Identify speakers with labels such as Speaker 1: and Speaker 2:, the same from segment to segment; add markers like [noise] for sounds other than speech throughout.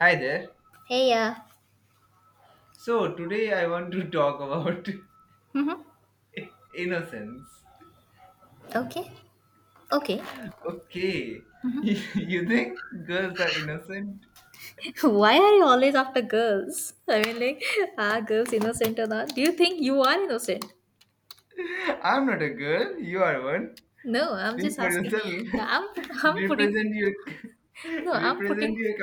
Speaker 1: Hi there.
Speaker 2: Hey, yeah.
Speaker 1: So today I want to talk about
Speaker 2: Mm-hmm.
Speaker 1: [laughs] innocence.
Speaker 2: Okay. Okay.
Speaker 1: Okay. [laughs]
Speaker 2: Mm-hmm.
Speaker 1: You think girls are innocent?
Speaker 2: [laughs] Why are you always after girls? I mean, like, [laughs] are girls innocent or not? Do you think you are innocent?
Speaker 1: [laughs] I'm not a girl. You are one.
Speaker 2: No, I'm
Speaker 1: Speak
Speaker 2: just
Speaker 1: for
Speaker 2: asking.
Speaker 1: yourself. [laughs]
Speaker 2: No, I'm [laughs] I'm putting
Speaker 1: represent your
Speaker 2: no,
Speaker 1: [laughs]
Speaker 2: I'm
Speaker 1: represent
Speaker 2: putting
Speaker 1: your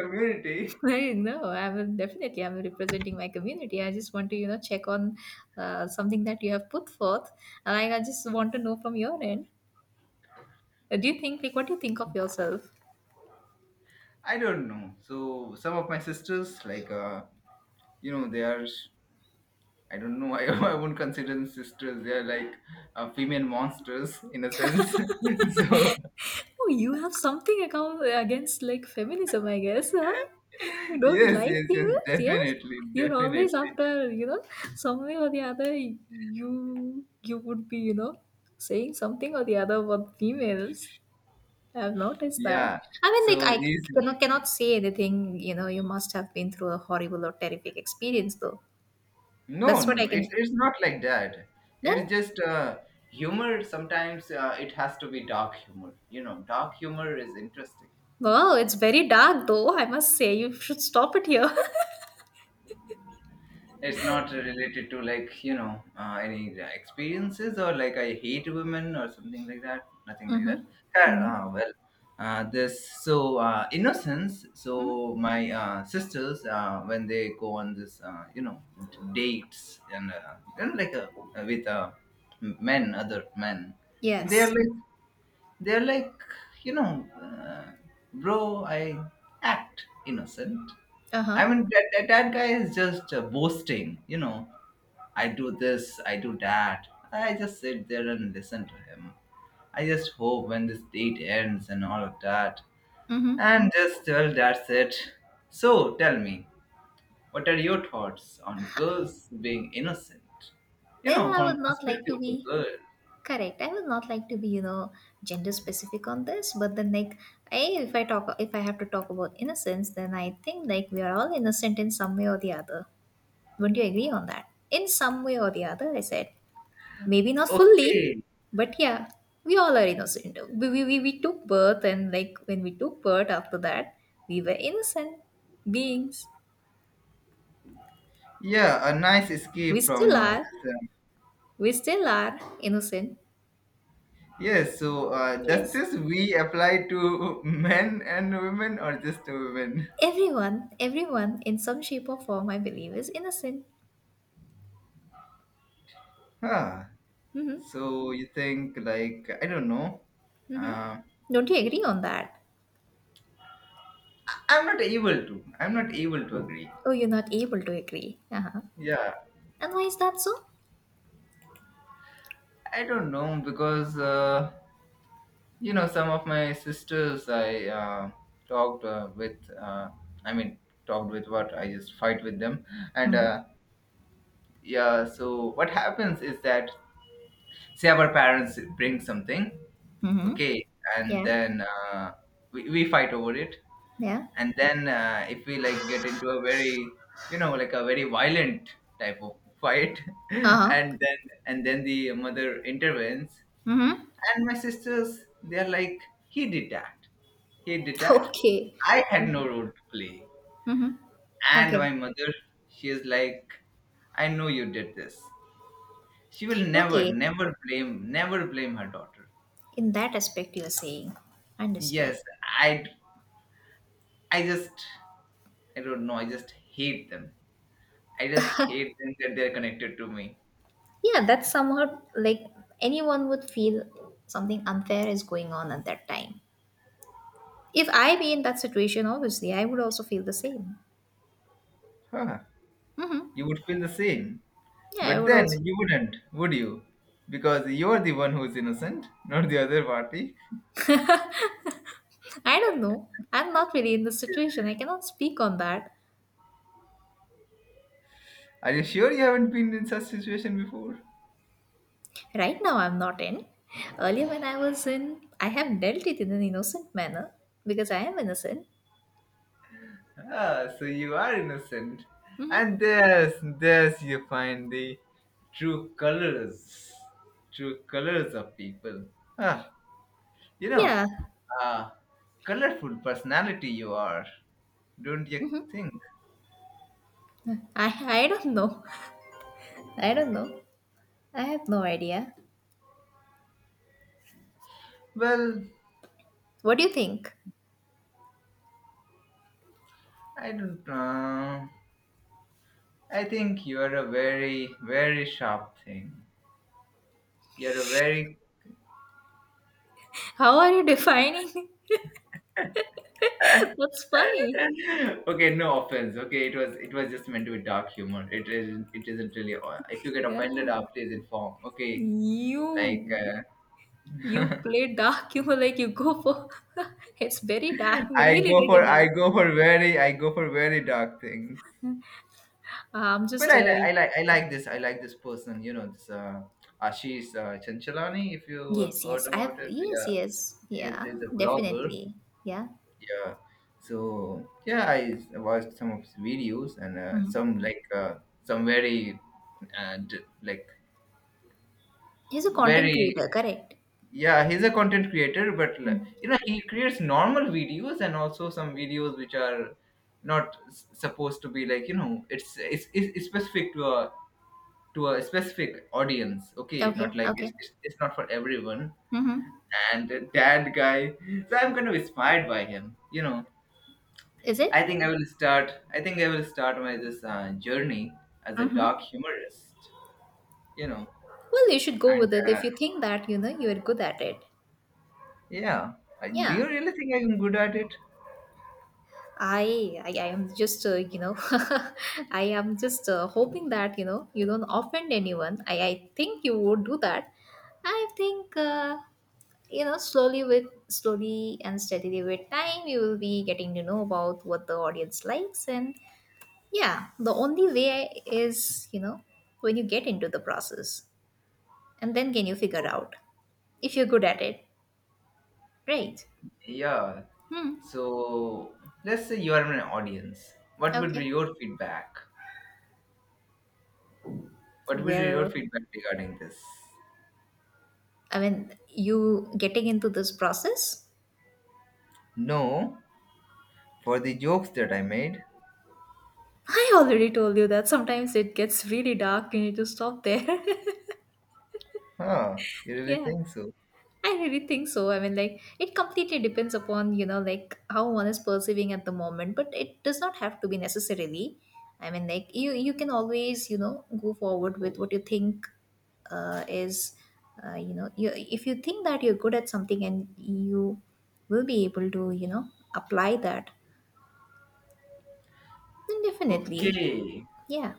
Speaker 2: [laughs]
Speaker 1: community.
Speaker 2: no. I'm definitely I'm representing my community. I just want to check on something that you have put forth. Like I just want to know from your end. Do you think like what do you think of yourself?
Speaker 1: I don't know. So some of my sisters, like they are. I don't know. [laughs] I won't consider them sisters. They are like female monsters in a sense. [laughs] So,
Speaker 2: Oh, you have something account against like feminism, I guess, huh? You don't
Speaker 1: yes,
Speaker 2: like
Speaker 1: yes, yes,
Speaker 2: females, yes?
Speaker 1: definitely,
Speaker 2: You're always
Speaker 1: definitely.
Speaker 2: after, some way or the other you would be, saying something or the other about females. I have noticed that.
Speaker 1: Yeah.
Speaker 2: I mean, like,
Speaker 1: so
Speaker 2: I
Speaker 1: these
Speaker 2: cannot say anything, you must have been through a horrible or terrific experience though.
Speaker 1: No,
Speaker 2: That's
Speaker 1: no,
Speaker 2: what I
Speaker 1: no, it's,
Speaker 2: can
Speaker 1: it's not like that.
Speaker 2: then
Speaker 1: It's just humor. Sometimes it has to be dark humor, dark humor is interesting.
Speaker 2: wow, it's very dark though, I must say. You should stop it here. [laughs]
Speaker 1: It's not related to like, any experiences, or like I hate women or something like that. Nothing like
Speaker 2: Mm-hmm.
Speaker 1: that.
Speaker 2: Mm-hmm.
Speaker 1: Well, this, so innocence.
Speaker 2: Mm-hmm.
Speaker 1: So my sisters, when they go on this, dates, and like with men, other men, they're
Speaker 2: Yes.
Speaker 1: like, they're like, you know, uh, bro, I act innocent. I
Speaker 2: Uh-huh.
Speaker 1: mean, that guy is just boasting, you know, I do this, I do that. I just sit there and listen to him. I just hope when this date ends and all of that.
Speaker 2: Mm-hmm.
Speaker 1: And just, well, that's it. So, tell me, what are your thoughts on girls being innocent? You
Speaker 2: Then
Speaker 1: know,
Speaker 2: I
Speaker 1: from
Speaker 2: would
Speaker 1: the
Speaker 2: not like
Speaker 1: perspective
Speaker 2: to
Speaker 1: of a
Speaker 2: be
Speaker 1: girl.
Speaker 2: correct. I would not like to be, gender specific on this, but then like I if I talk if I have to talk about innocence, then I think like we are all innocent in some way or the other. Wouldn't you agree on that? In some way or the other, I said. Maybe not fully,
Speaker 1: Okay.
Speaker 2: but yeah, we all are innocent. We took birth and like when we took birth after that, we were innocent beings.
Speaker 1: Yeah, a nice
Speaker 2: We
Speaker 1: escape from
Speaker 2: still are.
Speaker 1: this.
Speaker 2: We still are innocent.
Speaker 1: Yes, so does
Speaker 2: Yes.
Speaker 1: this we apply to [laughs] men and women, or just to women?
Speaker 2: Everyone, everyone in some shape or form, I believe, is innocent.
Speaker 1: Huh.
Speaker 2: Mm-hmm.
Speaker 1: So you think like, I don't know.
Speaker 2: Mm-hmm.
Speaker 1: Uh,
Speaker 2: Don't you agree on that?
Speaker 1: I'm not able to agree.
Speaker 2: Oh, you're not able to agree. Uh-huh.
Speaker 1: Yeah,
Speaker 2: And why is that so?
Speaker 1: I don't know, because you know, some of my sisters I talked with. I mean, talked with, what, I just fight with them, and
Speaker 2: Mm-hmm.
Speaker 1: yeah. So what happens is that, say, our parents bring something,
Speaker 2: Mm-hmm.
Speaker 1: okay, and
Speaker 2: Yeah.
Speaker 1: then we fight over it,
Speaker 2: Yeah.
Speaker 1: and then if we like get into a very, a very violent type of fight, [laughs]
Speaker 2: Uh-huh.
Speaker 1: and then, and then the mother intervenes,
Speaker 2: Mm-hmm. [laughs]
Speaker 1: and my sisters, they're like, he did that, he did that,
Speaker 2: Okay.
Speaker 1: I had
Speaker 2: Okay.
Speaker 1: no role to play.
Speaker 2: Mm-hmm.
Speaker 1: And
Speaker 2: Okay.
Speaker 1: my mother, she is like, I know you did this. She will never,
Speaker 2: Okay.
Speaker 1: never blame, never blame her daughter.
Speaker 2: In that aspect, you're saying. Understood.
Speaker 1: Yes. I i just, I don't know, I just hate them. I just hate them, that they're connected to me.
Speaker 2: Yeah, that's somehow like anyone would feel something unfair is going on at that time. If I be in that situation, obviously, I would also feel the same.
Speaker 1: Huh,
Speaker 2: Mm-hmm.
Speaker 1: you would feel the same.
Speaker 2: Yeah, I
Speaker 1: But
Speaker 2: would
Speaker 1: then
Speaker 2: also.
Speaker 1: you wouldn't, would you? Because you're the one who's innocent, not the other party.
Speaker 2: I don't know. I'm not really in this situation. I cannot speak on that.
Speaker 1: Are you sure you haven't been in such situation before?
Speaker 2: Right now, I'm not in. Earlier, when I was in, I have dealt it in an innocent manner because I am innocent.
Speaker 1: Ah, so you are innocent.
Speaker 2: Mm-hmm.
Speaker 1: And there's, you find the true colors, true colors of people. Ah, you know,
Speaker 2: Yeah.
Speaker 1: ah, colorful personality you are, don't you
Speaker 2: Mm-hmm.
Speaker 1: think?
Speaker 2: I, I don't know. I don't know. I have no idea.
Speaker 1: Well,
Speaker 2: What do you think?
Speaker 1: I don't know. I think you're a very, very sharp thing. You're a very
Speaker 2: How are you defining? [laughs] That's funny.
Speaker 1: [laughs] okay. No offense. Okay, it was just meant to be dark humor. It isn't. It isn't really. If you get offended,
Speaker 2: Yeah.
Speaker 1: please inform. Okay, like
Speaker 2: You you
Speaker 1: uh, [laughs]
Speaker 2: play dark [laughs] humor like you go for [laughs] it's very dark, really, really dark.
Speaker 1: I go for very dark things.
Speaker 2: I'm
Speaker 1: But
Speaker 2: just a
Speaker 1: I like this person. You know this Ashish Chanchalani. If you have
Speaker 2: Yes,
Speaker 1: heard
Speaker 2: yes. I have
Speaker 1: about it,
Speaker 2: yes,
Speaker 1: yeah,
Speaker 2: yes. Yeah,
Speaker 1: he's a blogger.
Speaker 2: definitely. Yeah.
Speaker 1: Yeah. So yeah, watched some of his videos, and
Speaker 2: Mhm.
Speaker 1: some like some very like
Speaker 2: He's a content
Speaker 1: very,
Speaker 2: creator, correct?
Speaker 1: yeah. He's a content creator, but like,
Speaker 2: Mm.
Speaker 1: he creates normal videos, and also some videos which are not supposed to be like, you know, it's specific to a, to a specific audience. Okay,
Speaker 2: Okay,
Speaker 1: not like,
Speaker 2: okay.
Speaker 1: it's not for everyone,
Speaker 2: Mm-hmm.
Speaker 1: and that guy. So I'm kind of inspired by him, you know.
Speaker 2: Is it?
Speaker 1: I think I will start my this journey as a
Speaker 2: Mm-hmm.
Speaker 1: dark humorist. You know,
Speaker 2: Well, you should go
Speaker 1: and
Speaker 2: with it if you think that, you are good at it.
Speaker 1: yeah, I, do
Speaker 2: Yeah.
Speaker 1: you really think I'm good at it?
Speaker 2: I am just [laughs] I am just hoping that, you don't offend anyone. I think you would do that. I think slowly and steadily with time you will be getting to know about what the audience likes, and yeah, the only way is when you get into the process and then can you figure out if you're good at it, right?
Speaker 1: Yeah.
Speaker 2: Hmm.
Speaker 1: So let's say you are an audience. What would be
Speaker 2: Okay,
Speaker 1: your feedback? What would be your
Speaker 2: well,
Speaker 1: feedback regarding this?
Speaker 2: I mean, you getting into this process.
Speaker 1: No, for the jokes that I made.
Speaker 2: [laughs] I already told you that sometimes it gets really dark. You need to stop there.
Speaker 1: Huh? You
Speaker 2: [laughs]
Speaker 1: really
Speaker 2: Yeah,
Speaker 1: think so?
Speaker 2: I really think so. I mean, like, it completely depends upon, like how one is perceiving at the moment, but it does not have to be necessarily. I mean, like, you can always, go forward with what you think is, if you think that you're good at something and you will be able to, apply that, then definitely,
Speaker 1: Okay.
Speaker 2: yeah.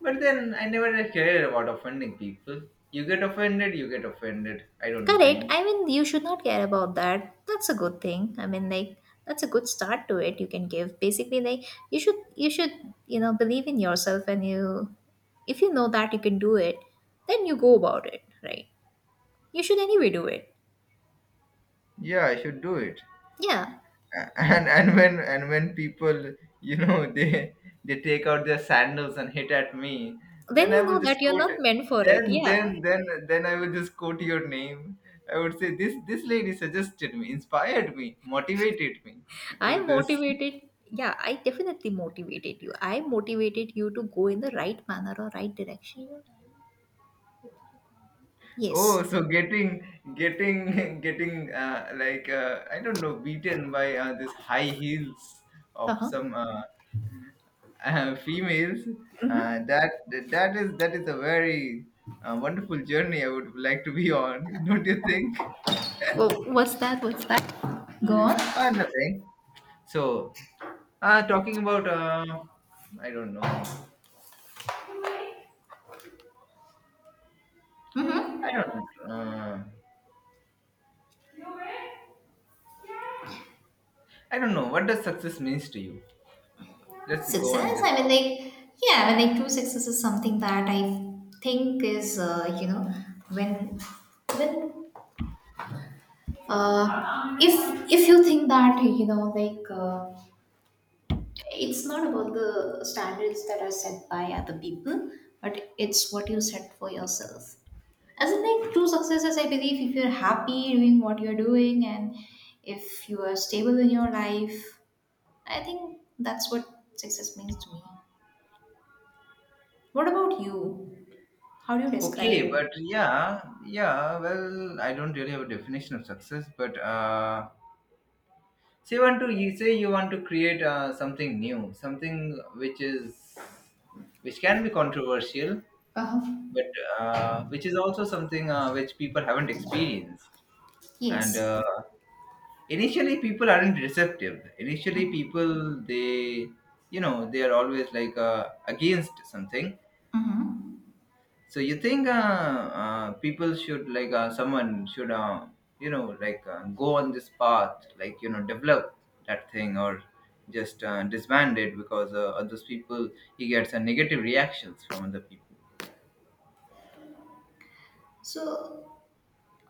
Speaker 1: But then I never cared about offending people. You get offended, you get offended. I don't
Speaker 2: Correct.
Speaker 1: mind.
Speaker 2: I mean, you should not care about that. That's a good thing. I mean, like, that's a good start to it. You can give basically like you should believe in yourself, and you if you know that you can do it, then you go about it, right? You should anyway do it.
Speaker 1: Yeah, I should do it.
Speaker 2: Yeah.
Speaker 1: And When people, you know, [laughs] they take out their sandals and hit at me.
Speaker 2: Then
Speaker 1: then i
Speaker 2: you know
Speaker 1: will
Speaker 2: that
Speaker 1: just
Speaker 2: you're
Speaker 1: quote
Speaker 2: not meant for it.
Speaker 1: then
Speaker 2: Yeah.
Speaker 1: then then then I will just quote your name. I would say, this lady suggested me, inspired me, motivated me to
Speaker 2: I
Speaker 1: do this.
Speaker 2: motivated. Yeah, I definitely motivated you. I motivated you to go in the right manner or right direction.
Speaker 1: [laughs] Oh,
Speaker 2: Yes.
Speaker 1: so getting getting [laughs] getting like I don't know, beaten by this high heels
Speaker 2: Uh
Speaker 1: of
Speaker 2: huh.
Speaker 1: some females. Uh, that that is a very wonderful journey I would like to be on, [laughs] don't you think?
Speaker 2: Oh, what's that? What's that? Go on.
Speaker 1: Nothing. So, talking about I don't know, I don't, uh, I don't know, what does success means to you? Let's go on
Speaker 2: Success,
Speaker 1: this
Speaker 2: I mean,
Speaker 1: topic.
Speaker 2: like, yeah, I mean, like, true success is something that I think is when when uh, if if you think that you know, like, it's not about the standards that are set by other people, but it's what you set for yourself, as in like true success is, I believe, if you're happy doing what you're doing and if you are stable in your life, I think that's what success means to me. What about you? How do you describe
Speaker 1: Okay,
Speaker 2: it?
Speaker 1: but yeah, yeah. Well, I don't really have a definition of success, but say you want to you say you want to create something new, something which is, which can be controversial,
Speaker 2: Uh,
Speaker 1: but which is also something which people haven't experienced, and
Speaker 2: Yes.
Speaker 1: initially people aren't receptive. Initially people, they you know they are always like against something.
Speaker 2: Mm-hmm.
Speaker 1: So you think people should like someone should you know, like go on this path, like, you know, develop that thing, or just disband it because others people, he gets a negative reactions from other people.
Speaker 2: So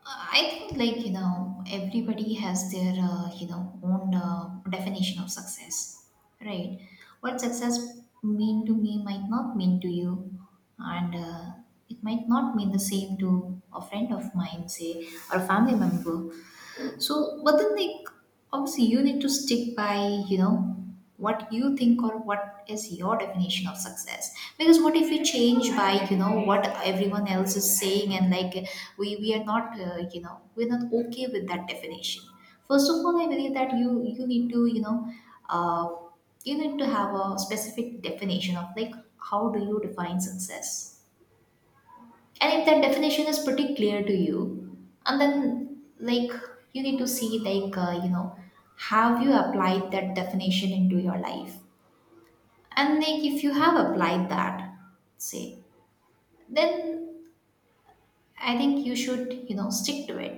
Speaker 2: I think like you know everybody has their own definition of success, right? What success mean to me might not mean to you, and it might not mean the same to a friend of mine, say, or a family member. So, but then like obviously you need to stick by, you know, what you think or what is your definition of success. Because what if you change by, you know, what everyone else is saying, and like we are not, you know, we're not okay with that definition. First of all, I believe that you need to, you know, uh, you need to have a specific definition of like how do you define success, and if that definition is pretty clear to you, and then like you need to see, like, you know, have you applied that definition into your life, and like if you have applied that, say, then I think you should you know stick to it.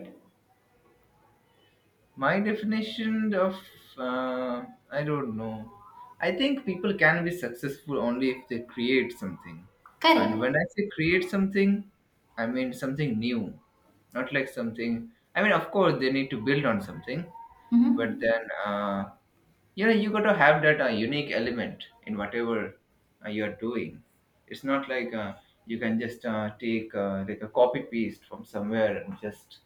Speaker 1: My definition of uh, I don't know, I think people can be successful only if they create something. And when
Speaker 2: Correct.
Speaker 1: I say create something, I mean something new, not like something, I mean, of course, they need to build on something, but
Speaker 2: Mm-hmm.
Speaker 1: then you know, you got to have that unique element in whatever you're doing. It's not like you can just take like a copy paste from somewhere and just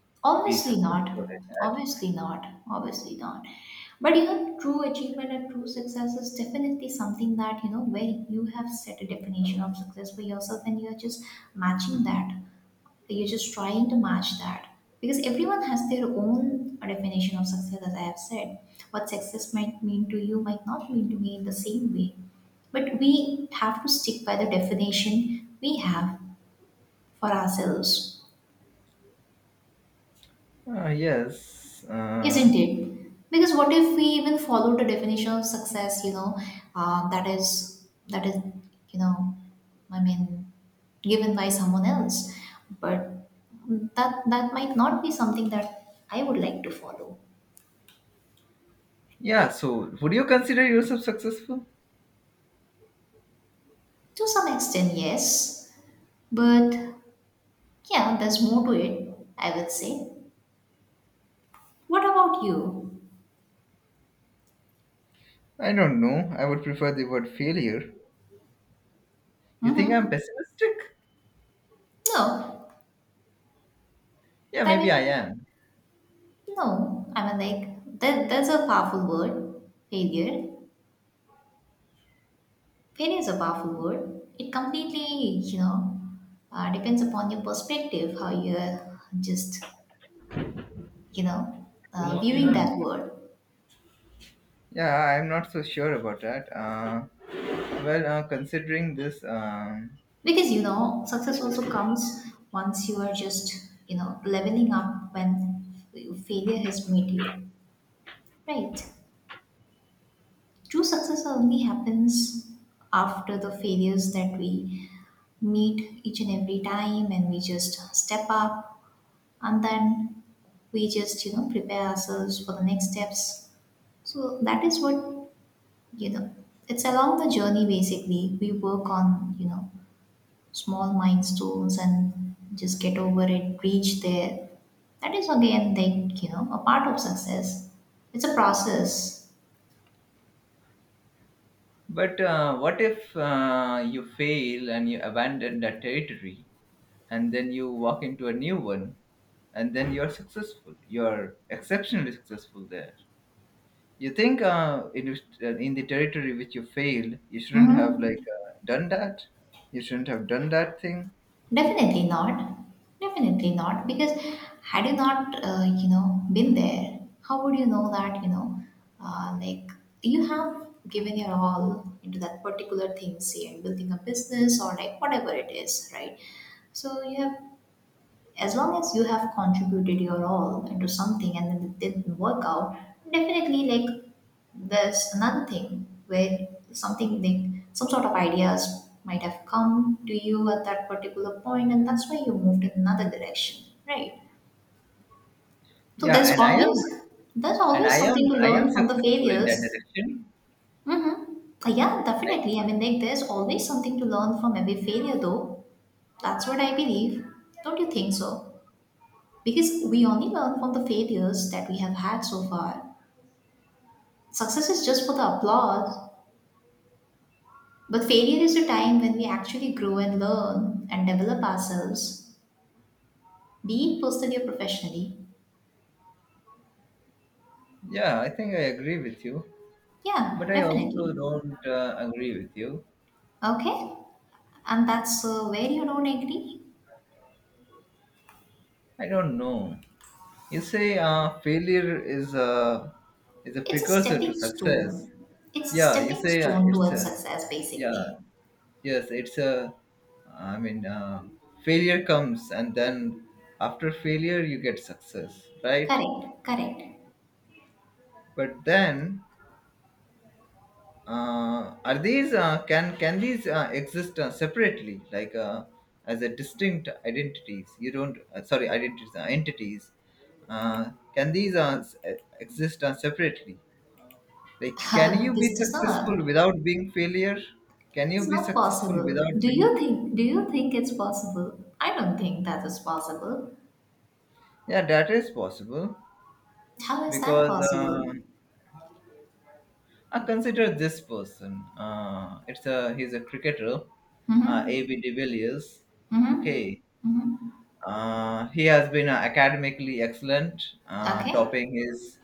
Speaker 1: be
Speaker 2: Obviously not.
Speaker 1: successful at that.
Speaker 2: Obviously not. Obviously not. But you know, true achievement and true success is definitely something that, you know, where you have set a definition of success for yourself, and you're just matching that. You're just trying to match that because everyone has their own definition of success, as I have said. What success might mean to you might not mean to me in the same way. But we have to stick by the definition we have for ourselves.
Speaker 1: Yes.
Speaker 2: Isn't it? Because what if we even follow the definition of success, you know, that is you know, I mean, given by someone else, but that might not be something that I would like to follow.
Speaker 1: Yeah, so would you consider yourself successful?
Speaker 2: To some extent, yes, but yeah, there's more to it, I would say. What about you?
Speaker 1: I don't know. I would prefer the word failure. You think I'm
Speaker 2: Mm-hmm.
Speaker 1: pessimistic?
Speaker 2: No,
Speaker 1: Yeah,
Speaker 2: I
Speaker 1: maybe I
Speaker 2: mean,
Speaker 1: am.
Speaker 2: no. I mean, like, that. That's a powerful word, failure. Failure is a powerful word. It completely, you know, depends upon your perspective, how you're just, you know, viewing
Speaker 1: Yeah,
Speaker 2: that word.
Speaker 1: I'm not so sure about that. Well, considering this,
Speaker 2: Because, you know, success also comes once you are just, you know, leveling up when failure has made you. Right. True success only happens after the failures that we meet each and every time, and we just step up, and then we just, you know, prepare ourselves for the next steps. So that is what, you know, it's along the journey basically. We work on, you know, small milestones and just get over it, reach there. That is again, like, you know, a part of success. It's a process.
Speaker 1: but what if you fail and you abandon that territory, and then you walk into a new one, and then you're successful? You're exceptionally successful there. You think in the territory which you failed, you shouldn't have like
Speaker 2: Hmm.
Speaker 1: done that. You shouldn't have done that thing.
Speaker 2: Definitely not. Definitely not. Because had you not, you know, been there, how would you know that, you know, like you have given your all into that particular thing, say, building a business or like whatever it is, right? So you have, as long as you have contributed your all into something and then it didn't work out, definitely, like, there's another thing where something, like some sort of ideas might have come to you at that particular point, and that's why you moved in another direction, right? So
Speaker 1: Yeah,
Speaker 2: there's always, there's always something to
Speaker 1: I am
Speaker 2: learn from the
Speaker 1: successful in that
Speaker 2: failures.
Speaker 1: direction.
Speaker 2: Mm-hmm. Yeah,
Speaker 1: I,
Speaker 2: definitely. I mean, like, there's always something to learn from every failure though. That's what I believe. Don't you think so? Because we only learn from the failures that we have had so far. Success is just for the applause, but failure is a time when we actually grow and learn and develop ourselves, be it personally or professionally.
Speaker 1: yeah, I think I agree with you, but
Speaker 2: Yeah,
Speaker 1: I also
Speaker 2: definitely.
Speaker 1: don't agree with you.
Speaker 2: Okay? And that's where you don't agree.
Speaker 1: I don't know. You say failure is a
Speaker 2: It's a
Speaker 1: precursor to
Speaker 2: stepping
Speaker 1: success.
Speaker 2: stone. It's a
Speaker 1: Yeah, you
Speaker 2: stepping
Speaker 1: say
Speaker 2: stone
Speaker 1: it's
Speaker 2: towards
Speaker 1: a,
Speaker 2: success, basically.
Speaker 1: yeah, yes, it's a, I mean, failure comes, and then after failure you get success, right?
Speaker 2: Correct, correct.
Speaker 1: But then are these can these exist separately, like as a distinct identities? You don't sorry, identities, entities. Can these exist separately? Like, can
Speaker 2: [laughs]
Speaker 1: you be
Speaker 2: This does not.
Speaker 1: successful without being failure? Can you
Speaker 2: It's
Speaker 1: be
Speaker 2: not
Speaker 1: successful
Speaker 2: possible.
Speaker 1: without
Speaker 2: Do
Speaker 1: being?
Speaker 2: you think do you think it's possible? I don't think that is possible.
Speaker 1: Yeah, that is possible
Speaker 2: How is that
Speaker 1: because.
Speaker 2: possible?
Speaker 1: Consider this person. It's a he's a cricketer, AB
Speaker 2: Mm-hmm.
Speaker 1: de Villiers.
Speaker 2: Mm-hmm.
Speaker 1: Okay,
Speaker 2: Mm-hmm.
Speaker 1: he has been academically excellent, uh,
Speaker 2: Okay.
Speaker 1: topping his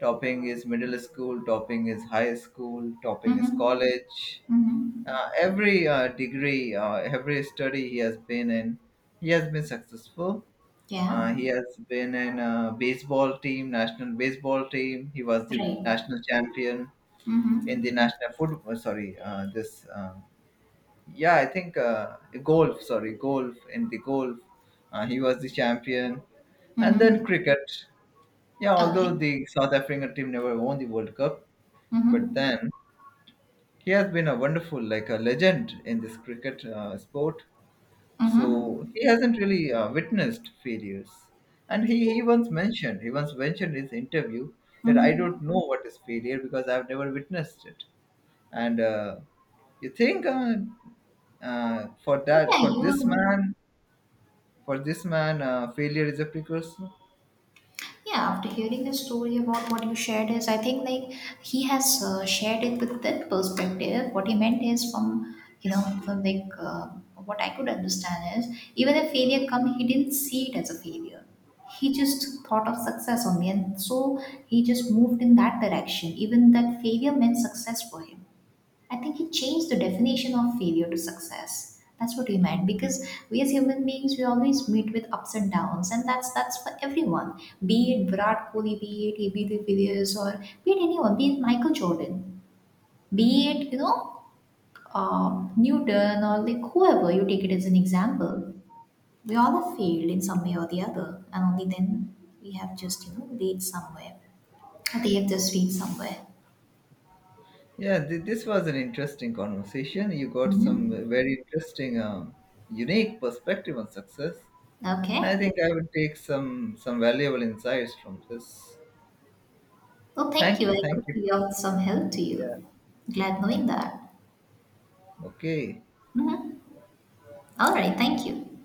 Speaker 1: topping his middle school, topping his high school, topping his
Speaker 2: Mm-hmm.
Speaker 1: college.
Speaker 2: Mm-hmm.
Speaker 1: Every degree, every study he has been in, he has been successful.
Speaker 2: Yeah.
Speaker 1: He has been in a baseball team, national baseball team. He was the
Speaker 2: Right.
Speaker 1: national champion in the
Speaker 2: Mm-hmm.
Speaker 1: national football. Sorry, this yeah, I think golf. Sorry, golf, in the golf, he was the champion, and then
Speaker 2: Mm-hmm.
Speaker 1: cricket. Yeah, although
Speaker 2: Okay.
Speaker 1: the South African team never won the World Cup, but then
Speaker 2: Mm-hmm.
Speaker 1: he has been a wonderful, like a legend in this cricket sport. So
Speaker 2: Mm-hmm.
Speaker 1: he hasn't really witnessed failures. And he once mentioned in his interview, that I
Speaker 2: Mm-hmm.
Speaker 1: don't know what is failure, because I've never witnessed it. And you think uh, for
Speaker 2: Yeah,
Speaker 1: that for
Speaker 2: you
Speaker 1: this
Speaker 2: will.
Speaker 1: man for this man failure is a precursor.
Speaker 2: Yeah, after hearing the story about what you shared is, I think like he has shared it with that perspective. What he meant is from you know, from like, what I could understand is, even if failure come, he didn't see it as a failure. He just thought of success only, and so he just moved in that direction. Even that failure meant success for him. I think he changed the definition of failure to success. That's what he meant, because we as human beings we always meet with ups and downs, and that's for everyone. Be it Virat Kohli, be it AB de Villiers, or be it anyone, be it Michael Jordan, be it, you know, Newton, or like whoever you take it as an example. We all have failed in some way or the other, and only then we have just, you know, reached somewhere. They have just reached somewhere.
Speaker 1: Yeah, this was an interesting conversation. You got some
Speaker 2: Hmm.
Speaker 1: very interesting unique perspective on success, and I
Speaker 2: Okay.
Speaker 1: think I would take some valuable insights from this.
Speaker 2: Oh, thank you.
Speaker 1: Thank you,
Speaker 2: I
Speaker 1: thank
Speaker 2: could
Speaker 1: you.
Speaker 2: be of some help to
Speaker 1: Yeah.
Speaker 2: you. Glad knowing that.
Speaker 1: Okay.
Speaker 2: Mhm. All right. Thank you.